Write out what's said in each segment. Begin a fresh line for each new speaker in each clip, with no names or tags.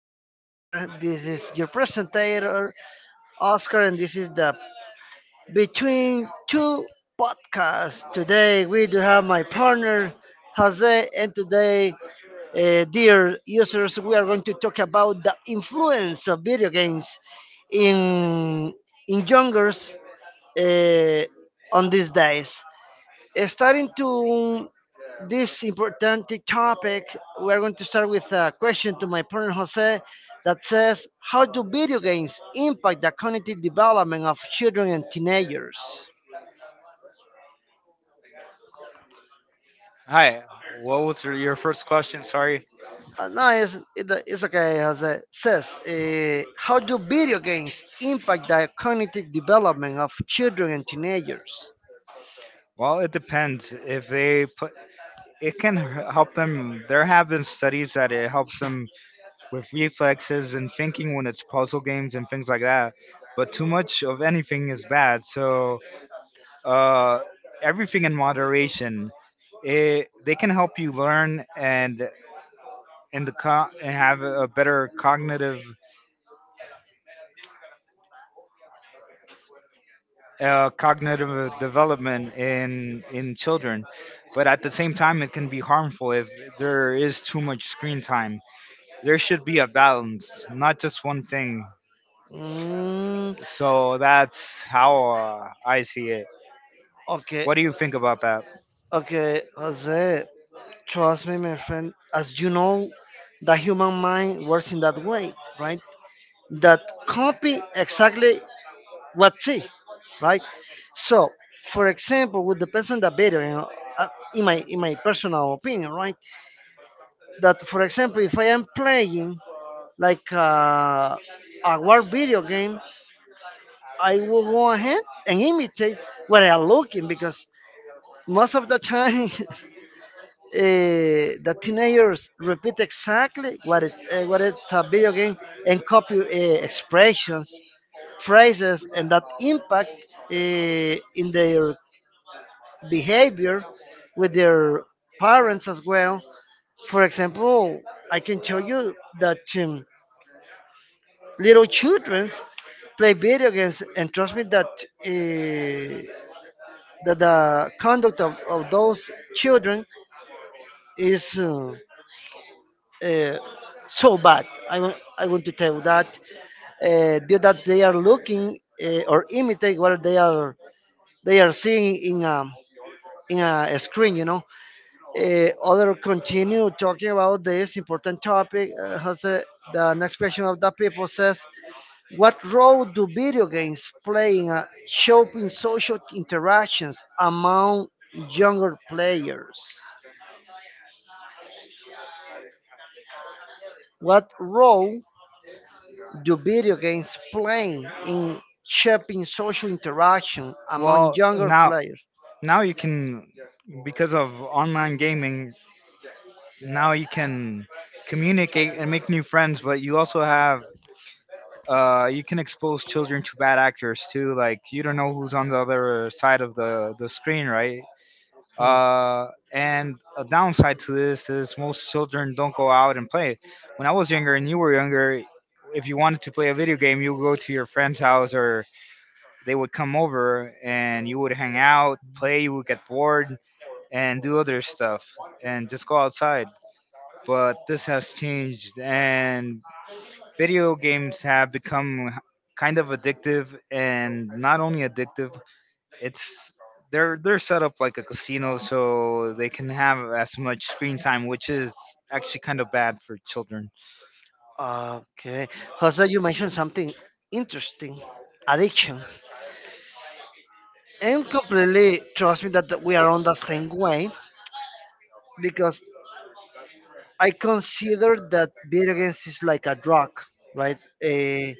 Tegucigalpa. This is your presenter, Oscar, and this is the Between Two podcast. Today we do have my partner, Jose, and today, dear users, we are going to talk about the influence of video games in in youngers uh, on these days starting to this important topic, we're going to start with a question to my partner Jose that says, how do video games impact the cognitive development of children and teenagers?
Hi, what was your first question? Sorry.
No, it's okay, Jose. Says, how do video games impact the cognitive development of children and teenagers?
Well, it depends. If they put, it can help them. There have been studies that it helps them with reflexes and thinking when it's puzzle games and things like that. But too much of anything is bad. So uh, everything in moderation. They can help you learn, and and have a better cognitive development in children, but at the same time, it can be harmful if there is too much screen time. There should be a balance, not just one thing.
Mm,
So that's how I see it.
okay.
What do you think about that?
Okay, Jose. Trust me, my friend, as you know, the human mind works in that way, right? That copy exactly what see, right? So, for example, with the person that better, you know, uh, in my personal opinion, right? That for example, if I am playing like a war video game, I will go ahead and imitate what I'm looking because most of the time the teenagers repeat exactly what it what it's a video game and copy expressions, phrases, and that impact uh, in their behavior with their parents as well. For example, I can tell you that little children play video games, and trust me that. Uh, that the conduct of those children is uh, so bad. I want to tell that due that they are looking or imitate what they are seeing in a screen. You know, other continue talking about this important topic. The next question of the people says, what role do video games play in shaping social interactions among younger players? What role do video games play in shaping social interaction among
Well,
younger
now
players?
now you can because of online gaming, now you can communicate and make new friends, but you also have you can expose children to bad actors too. Like, you don't know who's on the other side of the screen, right?
Hmm.
And a downside to this is most children don't go out and play. When I was younger and you were younger, if you wanted to play a video game, you would go to your friend's house, or they would come over and you would hang out, play. You would get bored and do other stuff and just go outside. But this has changed, and video games have become kind of addictive. And not only addictive, it's they're set up like a casino, so they can have as much screen time, which is actually kind of bad for children
Okay. Jose, you mentioned something interesting, addiction. And completely trust me that we are on the same way because I consider that video games is like a drug, right?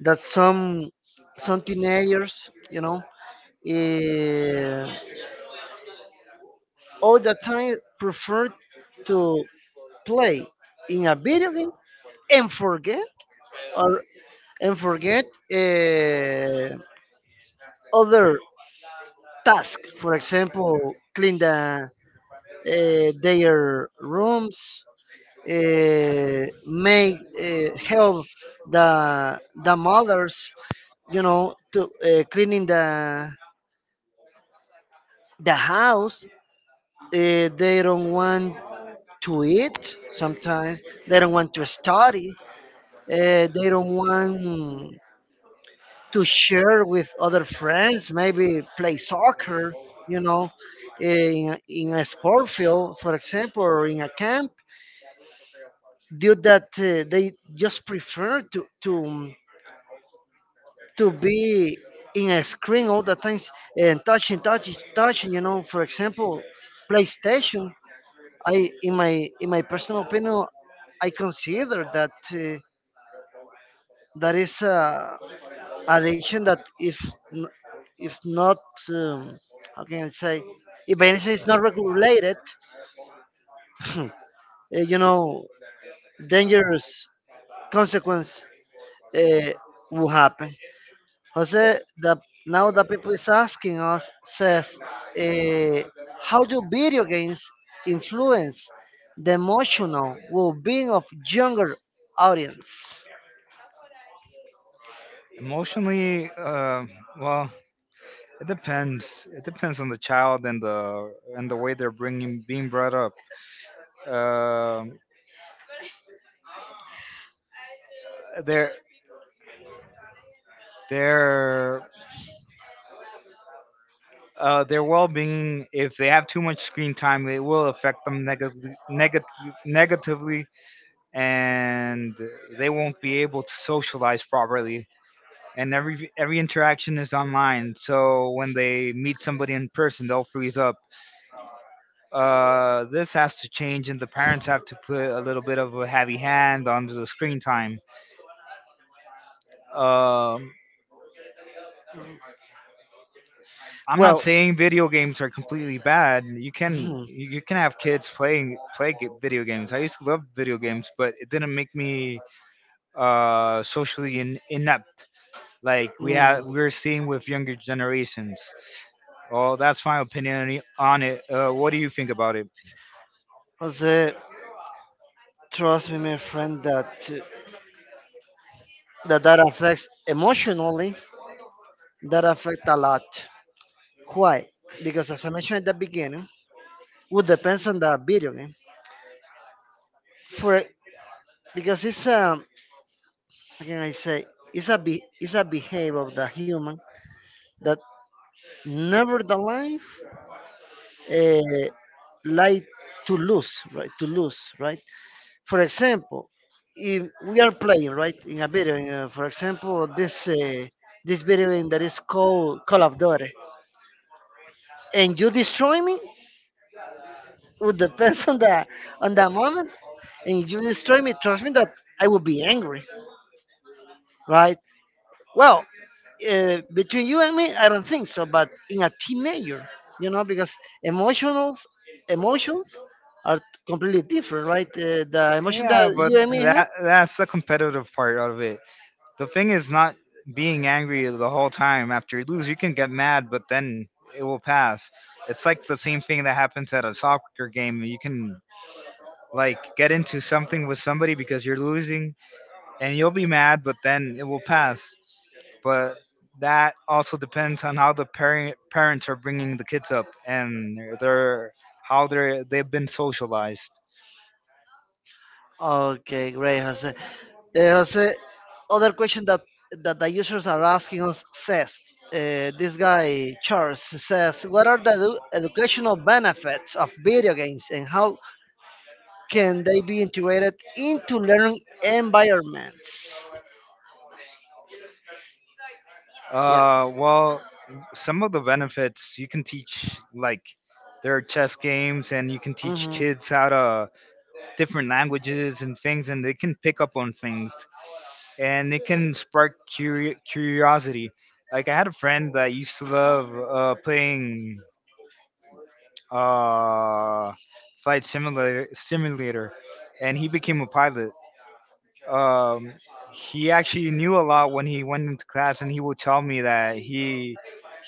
That some teenagers, you know, eh, all the time prefer to play in a video game and forget or and forget uh, other tasks. For example, clean the their rooms, make help the mothers. You know, to cleaning the house. They don't want to eat sometimes. They don't want to study. They don't want to share with other friends, maybe play soccer, you know, in a sport field, for example, or in a camp. Due that they just prefer to be in a screen all the times and touching, touching, touching. You know, for example, PlayStation. I in my personal opinion, I consider that that is a addiction that if n- if not um, how can I say if medicine is not regulated, uh, you know, dangerous consequence uh, will happen. Jose, the, now the people is asking us says, uh, how do video games influence the emotional well-being of younger audience?
emotionally. Well, it depends on the child and the way they're bringing being brought up. Um they're they're Their well-being, if they have too much screen time, it will affect them negatively, and they won't be able to socialize properly, and every interaction is online, so when they meet somebody in person, they'll freeze up. This has to change, and the parents have to put a little bit of a heavy hand on the screen time. Um I'm not
Well,
saying video games are completely bad. You can
hmm.
you you can have kids video games. I used to love video games, but it didn't make me socially inept. Like, we
Mm.
have we're seeing with younger generations. Well, that's my opinion on it. What do you think about it?
Jose. Trust me, my friend, that that, that affects emotionally, that affects a lot. Why? Because as I mentioned at the beginning, would depends on the video game. For because it's how can I say it's a behavior of the human that nevertheless uh, like to lose, right? To lose, right? For example, if we are playing right in a video, for example, this this video game that is called Call of Duty. And you destroy me would depends on the moment and if you destroy me trust me that I will be angry, right? Well, between you and me I don't think so, but in a teenager, you know, because emotionals emotions are completely different, right? The emotion that
Yeah, but
you and me have.
that's the competitive part of it. The thing is not being angry the whole time after you lose. You can get mad, but then it will pass. It's like the same thing that happens at a soccer game. You can, like, get into something with somebody because you're losing, and you'll be mad, but then it will pass. But that also depends on how the parents are bringing the kids up, and their how they've been socialized.
Okay, great, Jose. Jose, other question that the users are asking us says, this guy Charles says, what are the educational benefits of video games and how can they be integrated into learning environments? Yeah.
Well, some of the benefits, you can teach, like, there are chess games, and you can teach
Hmm.
kids how to different languages and things, and they can pick up on things, and it can spark curiosity. Like, I had a friend that used to love playing uh, flight simulator, and he became a pilot. um, he actually knew a lot when he went into class, and he would tell me that he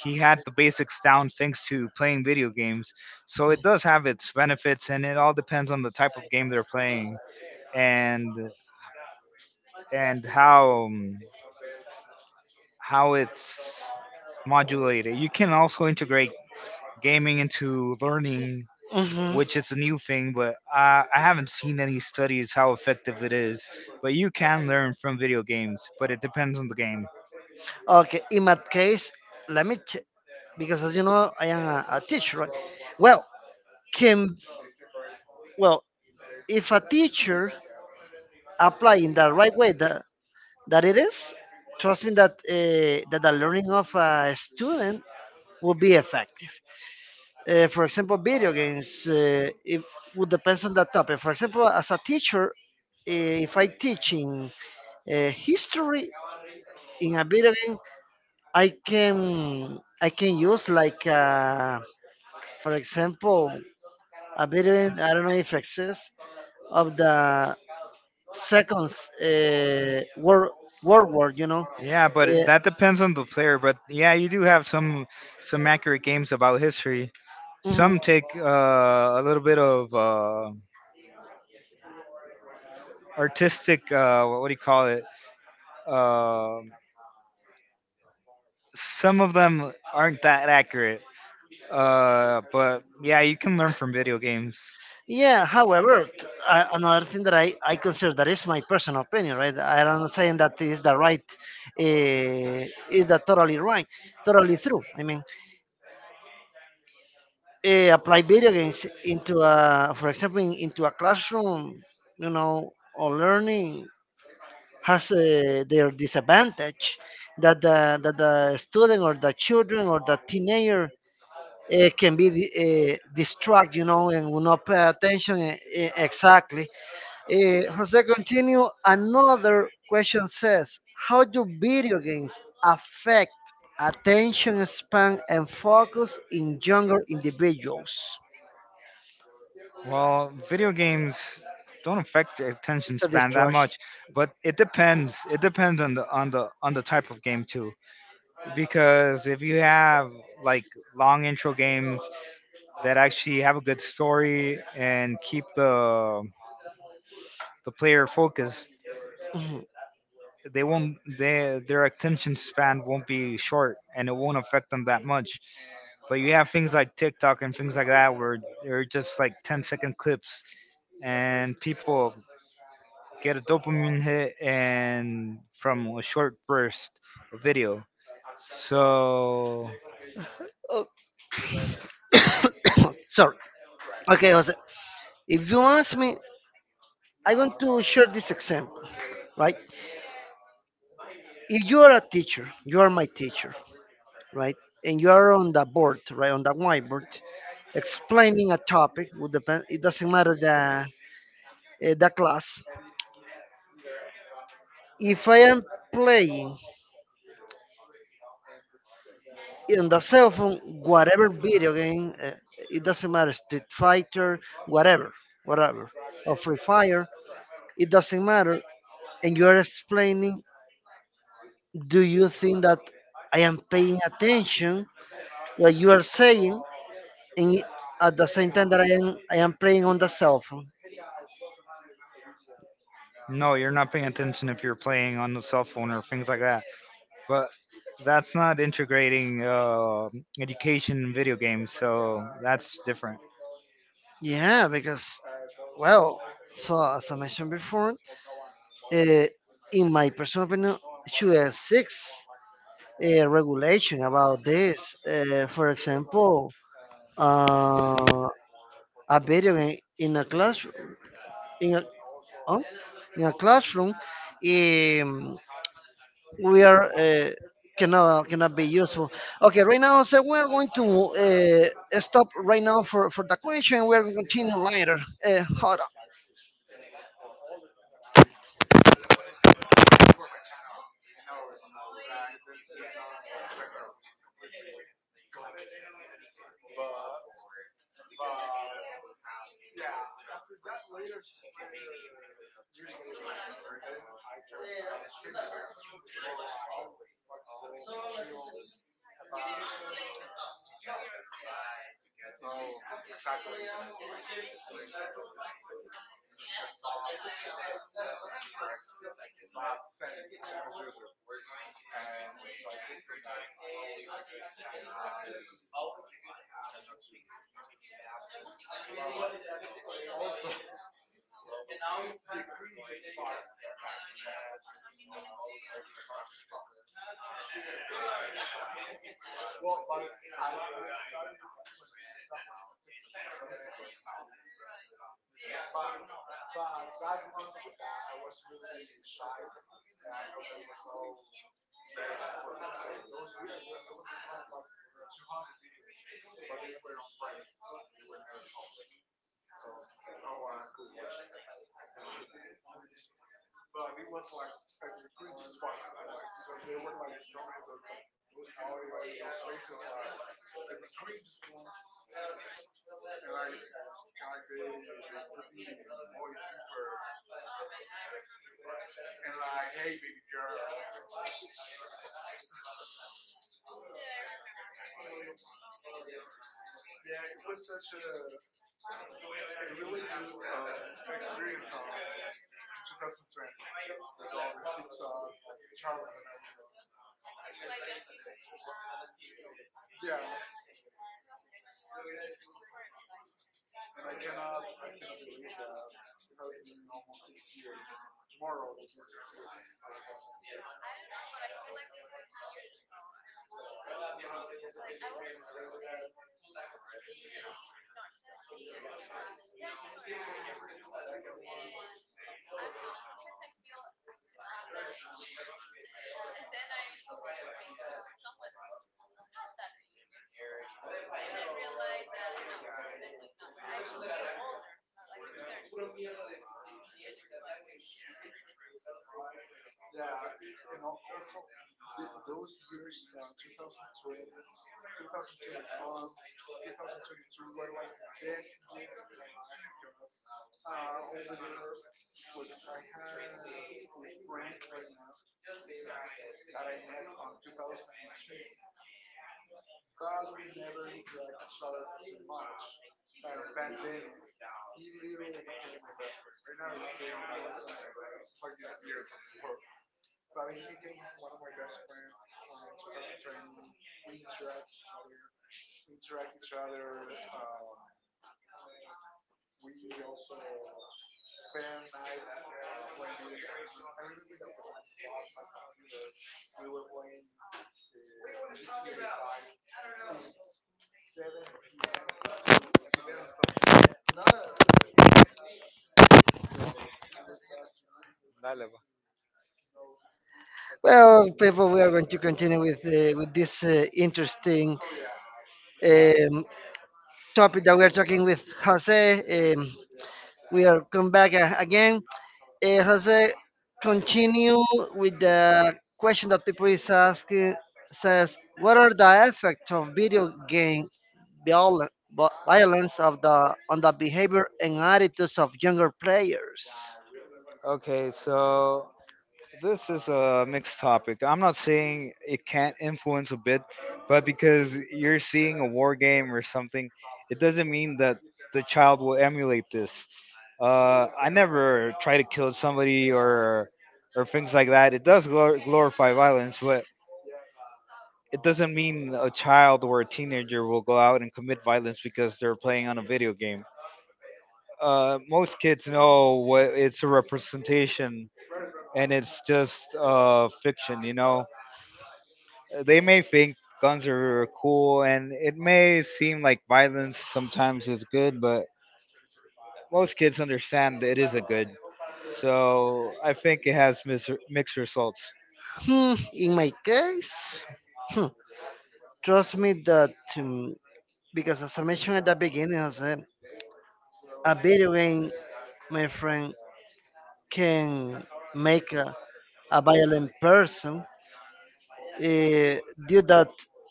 he had the basics down thanks to playing video games. So it does have its benefits, and it all depends on the type of game they're playing, and and how it's modulated. You can also integrate gaming into learning,
Hmm.
which is a new thing. But I haven't seen any studies how effective it is. But you can learn from video games, but it depends on the game.
Okay. In that case, let me because as you know, I am a teacher, right? Well, can, well, if a teacher apply in the right way the that it is, trust me that that the learning of a student will be effective. For example, video games it would depend on the topic. For example, as a teacher, if I teach in history in a video game, I can use like for example a video game, I don't know if exists of the second world world war. You know,
Yeah, but
uh,
that depends on the player. But yeah, you do have some accurate games about history.
mhm.
Some take a little bit of artistic. What do you call it? Um some of them aren't that accurate. But yeah, you can learn from video games.
Yeah, however, another thing that I consider that is my personal opinion, right? I am not saying that is the right, is the totally right, totally true. I mean, apply video games into a, for example, in, into a classroom, you know, or learning has their disadvantage that the student or the children or the teenager can be distracted, you know, and will not pay attention exactly. Jose, continue. Another question says, how do video games affect attention span and focus in younger individuals?
Well, video games don't affect your attention
It's a
span that
distraction.
much, but it depends. It depends on the type of game too. Because if you have, like, long intro games that actually have a good story and keep the player focused, they won't they, their attention span won't be short, and it won't affect them that much. But you have things like TikTok and things like that, where they're just like 10-second clips, and people get a dopamine hit and from a short burst of video, so
Oh, sorry. Okay, Jose. If you ask me, I'm going to share this example, right? If you are a teacher, you are my teacher, right? And you are on the board, right, on the whiteboard, explaining a topic. Would depend. It doesn't matter the the class. If I am playing in the cell phone, whatever video game, it doesn't matter, Street Fighter, whatever, whatever, or Free Fire, it doesn't matter. And you're explaining, do you think that I am paying attention what you are saying and at the same time that I am playing on the cell phone?
No, you're not paying attention if you're playing on the cell phone or things like that. But that's not integrating education in video games, so that's different.
Yeah, because, well, so as I mentioned before, uh, in my personal opinion, should exist regulation about this. For example, uh, a video game in a classroom in a oh, in a classroom, um, we are cannot be useful. Okay, right now so we're going to stop right now for the question. We're going to continue later. Hold on.
Dale, va.
Well, people, we are going to continue with this interesting um, topic that we are talking with Jose. We are come back again. Jose, continue with the question that people is asking. Says, what are the effects of video game violence of the on the behavior and attitudes of younger players?
Okay, so this is a mixed topic. I'm not saying it can't influence a bit, but because you're seeing a war game or something, it doesn't mean that the child will emulate this. I never try to kill somebody or things like that. It does glorify violence, but it doesn't mean a child or a teenager will go out and commit violence because they're playing on a video game. Most kids know what it's a representation, and it's just fiction. They may think guns are cool and it may seem like violence sometimes is good, but most kids understand that it is a good. So I think it has mixed results.
Hmm, in my case, hmm, trust me that because as I mentioned at the beginning, Jose, a video game, my friend, can make a violent person eh, due that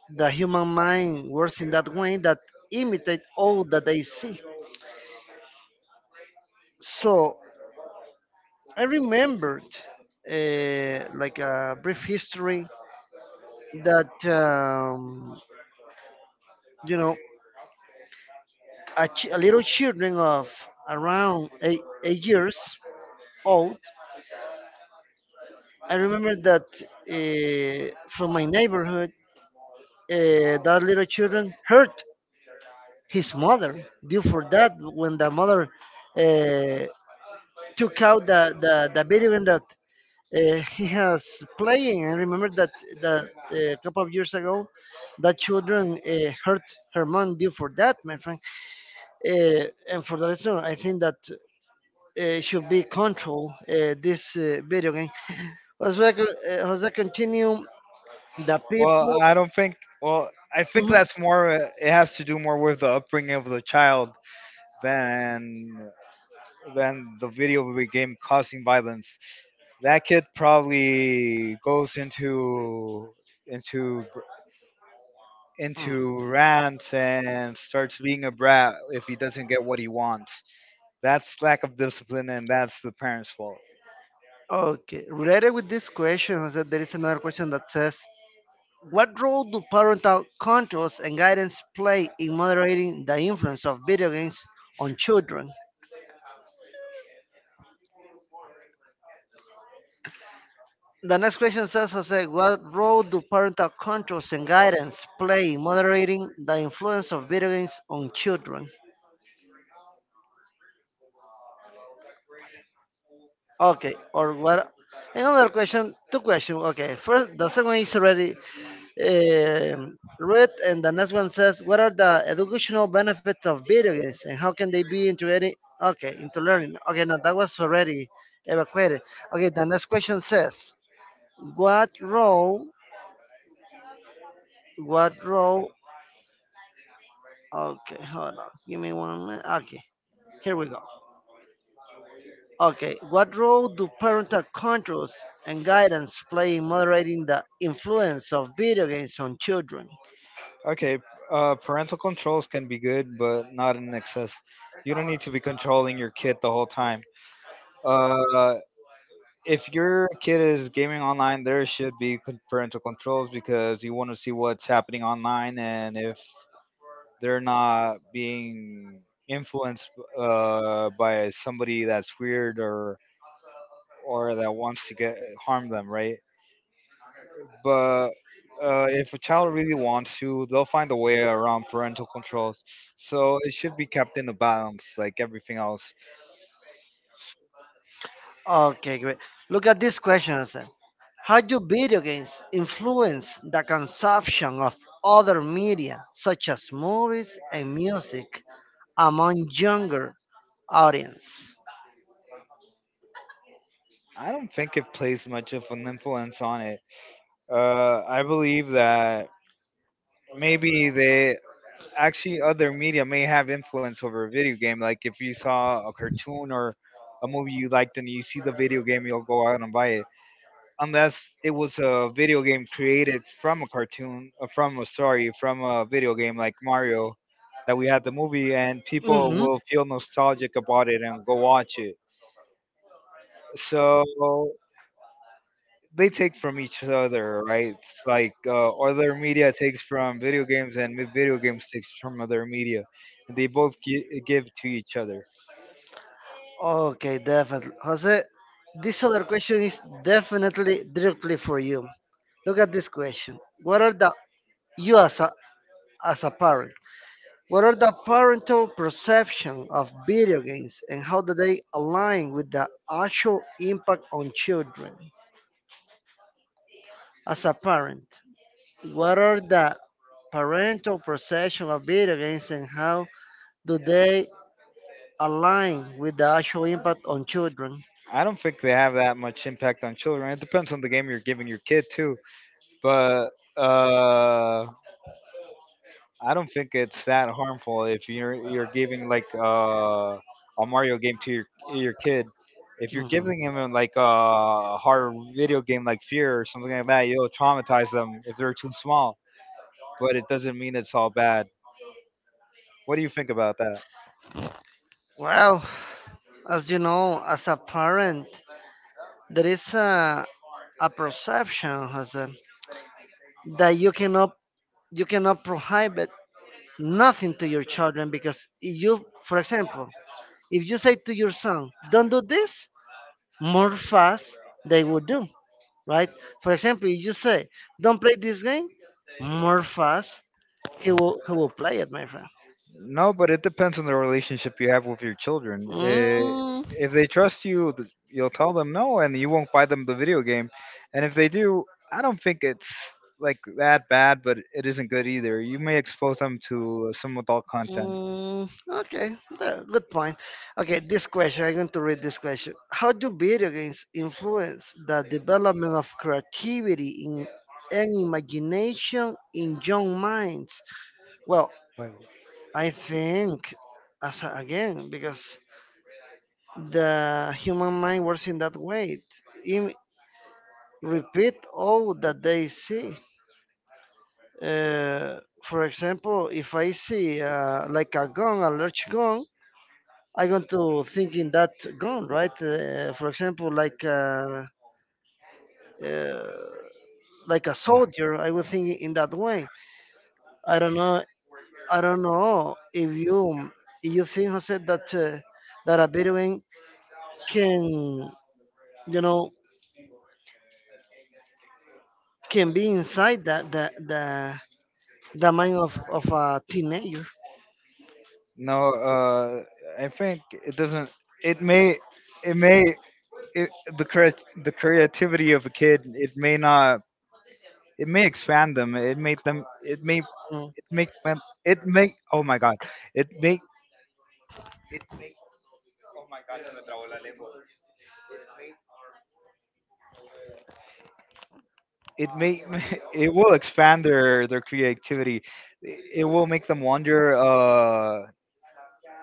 the human mind works in that way that imitate all that they see. So I remembered like a brief history that you know a, a little children of around 8 years old. I remember that from my neighborhood, that little children hurt his mother. Due for that, when the mother uh, took out the video game that he has playing. I remember that that a couple of years ago, that children hurt her mom due for that, my friend. Uh, and for the reason, I think that should be control this video game. Jose, co- Jose, continue. The
Well,
people.
I don't think. Well, I think
Mhm.
that's more. It has to do more with the upbringing of the child than than the video game causing violence. That kid probably goes into
Mm.
into rants and starts being a brat if he doesn't get what he wants. That's lack of discipline, and that's the parents' fault.
Okay, related with this question, Jose, there is another question that says, what role do parental controls and guidance play in moderating the influence of video games on children? The next question says, Jose, what role do parental controls and guidance play in moderating the influence of video games on children? Okay, or what? Another question, two questions. Okay, first, the second one is already read, and the next one says, "What are the educational benefits of video games, and how can they be integrated? Okay, into learning. Okay, no, that was already evacuated. Okay, the next question says, "What role? What role? Okay, hold on. Give me one minute. Okay, here we go. Okay, what role do parental controls and guidance play in moderating the influence of video games on children?
Okay, parental controls can be good, but not in excess. You don't need to be controlling your kid the whole time. Uh, if your kid is gaming online, there should be parental controls, because you want to see what's happening online, and if they're not being influenced by somebody that's weird or that wants to get harm them, right? But if a child really wants to, they'll find a way around parental controls. So it should be kept in a balance, like everything else.
Okay, great. Look at these questions. How do video games influence the consumption of other media, such as movies and music, among younger audience?
I don't think it plays much of an influence on it. I believe that maybe they actually other media may have influence over a video game. Like, if you saw a cartoon or a movie you liked and you see the video game, you'll go out and buy it. Unless it was a video game created from a cartoon, from a video game like Mario, that we had the movie, and people
Hmm.
will feel nostalgic about it and go watch it. So they take from each other, right? It's like other media takes from video games, and video games takes from other media, and they both give to each other.
Okay, definitely. Jose, this other question is definitely directly for you. Look at this question. What are the you as a parent? What are the parental perception of video games and how do they align with the actual impact on children as a parent? What are the parental perception of video games and how do they align with the actual impact on children?
I don't think they have that much impact on children. It depends on the game you're giving your kid too, but uh, I don't think it's that harmful if you're giving, like, a Mario game to your kid. If you're
Mhm.
giving him like a hard video game like Fear or something like that, you'll traumatize them if they're too small, but it doesn't mean it's all bad. What do you think about that?
Well, as you know, as a parent, there is a perception, Jose, that you cannot prohibit nothing to your children because you, for example, if you say to your son, don't do this, more fast they will do, right? For example, if you say, don't play this game, more fast he will play it, my friend.
No, but it depends on the relationship you have with your children.
Mm.
If they trust you, you'll tell them no, and you won't buy them the video game. And if they do, I don't think it's like that bad, but it isn't good either. You may expose them to some adult content.
Mm, okay, good point. Okay, this question, I'm going to read this question. How do video games influence the development of creativity in, and imagination in young minds? Well,
Wait,
I think, as again, because the human mind works in that way. Im- Repeat all that they see. For example, if I see like a gun, a large gun, I'm going to think in that gun, right? For example, uh, like a
no.
soldier, I would think in that way. I don't know. I don't know if you think Jose that that a Bedouin can, you know, can be inside that the mind of a teenager.
No, I think it doesn't. It may, it may. it, the crea- the creativity of a kid, it may not it may expand them.
Mm.
It make them- it may Oh my god. It may it may Oh my god, se me trabó la lengua. It may It will expand their creativity. It will make them wonder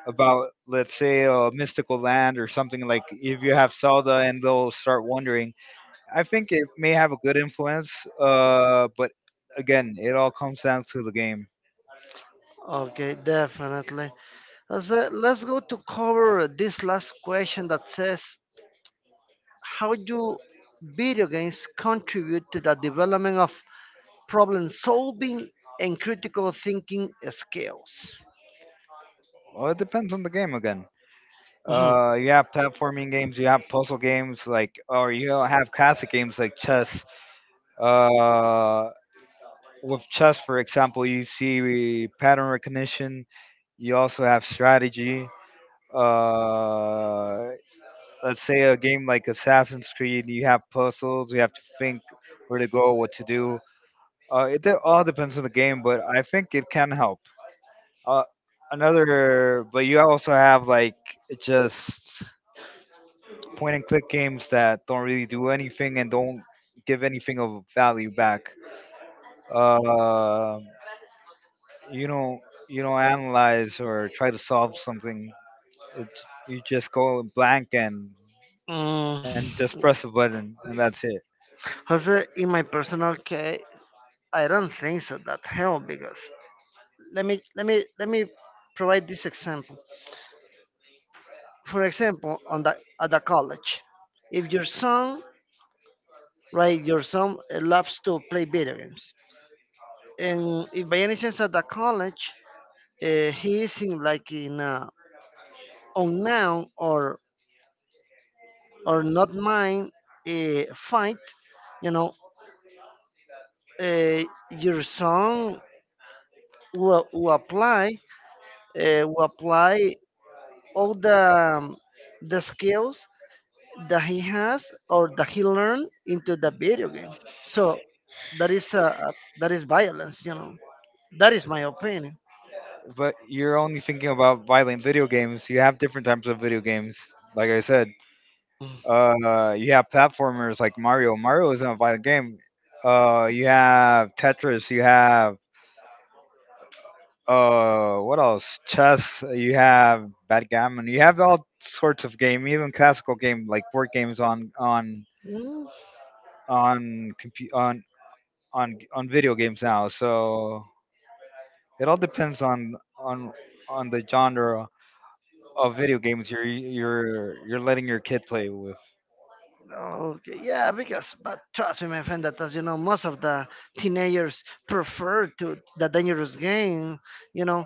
about, let's say, a mystical land or something, like if you have Zelda, and they'll start wondering. I think it may have a good influence, but again, it all comes down to the game.
Okay, definitely. So let's go to cover this last question that says how do video games contribute to the development of problem solving and critical thinking skills?
Well, it depends on the game again.
Mhm.
You have platforming games, you have puzzle games, like, or you have classic games like chess. Uh, with chess, for example, you see pattern recognition. You also have strategy. Uh, let's say a game like Assassin's Creed, you have puzzles. You have to think where to go, what to do. All depends on the game, but I think it can help. Uh, but you also have, like, just point and click games that don't really do anything and don't give anything of value back. Uh, you don't you don't analyze or try to solve something. It, you just go blank, and
Mm,
and just press a button, and that's it.
Jose, in my personal case, I don't think so that help because let me provide this example. For example, on the at the college, if your son, right? Your son loves to play video games, and if by any chance at the college he is in like in a unknown or not mine fight, you know, uh, your son will apply will apply all the skills that he has or that he learned into the video game. So that is violence, you know. That is my opinion.
But you're only thinking about violent video games. You have different types of video games. Like I said, you have platformers like Mario. Mario isn't a violent game. You have Tetris. You have what else? Chess. You have backgammon. You have all sorts of game, even classical game, like board games
Mm.
on compu- on video games now. So it all depends on the genre of video games you're letting your kid play with.
Okay, yeah, because but trust me, my friend, that as you know, most of the teenagers prefer to the dangerous game. You know,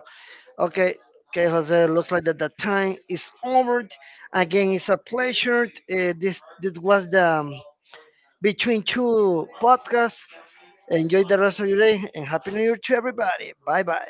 okay. Okay, Jose, looks like that the time is over. Again, it's a pleasure. This was the between two podcasts. Enjoy the rest of your day and happy New Year to everybody. Bye bye.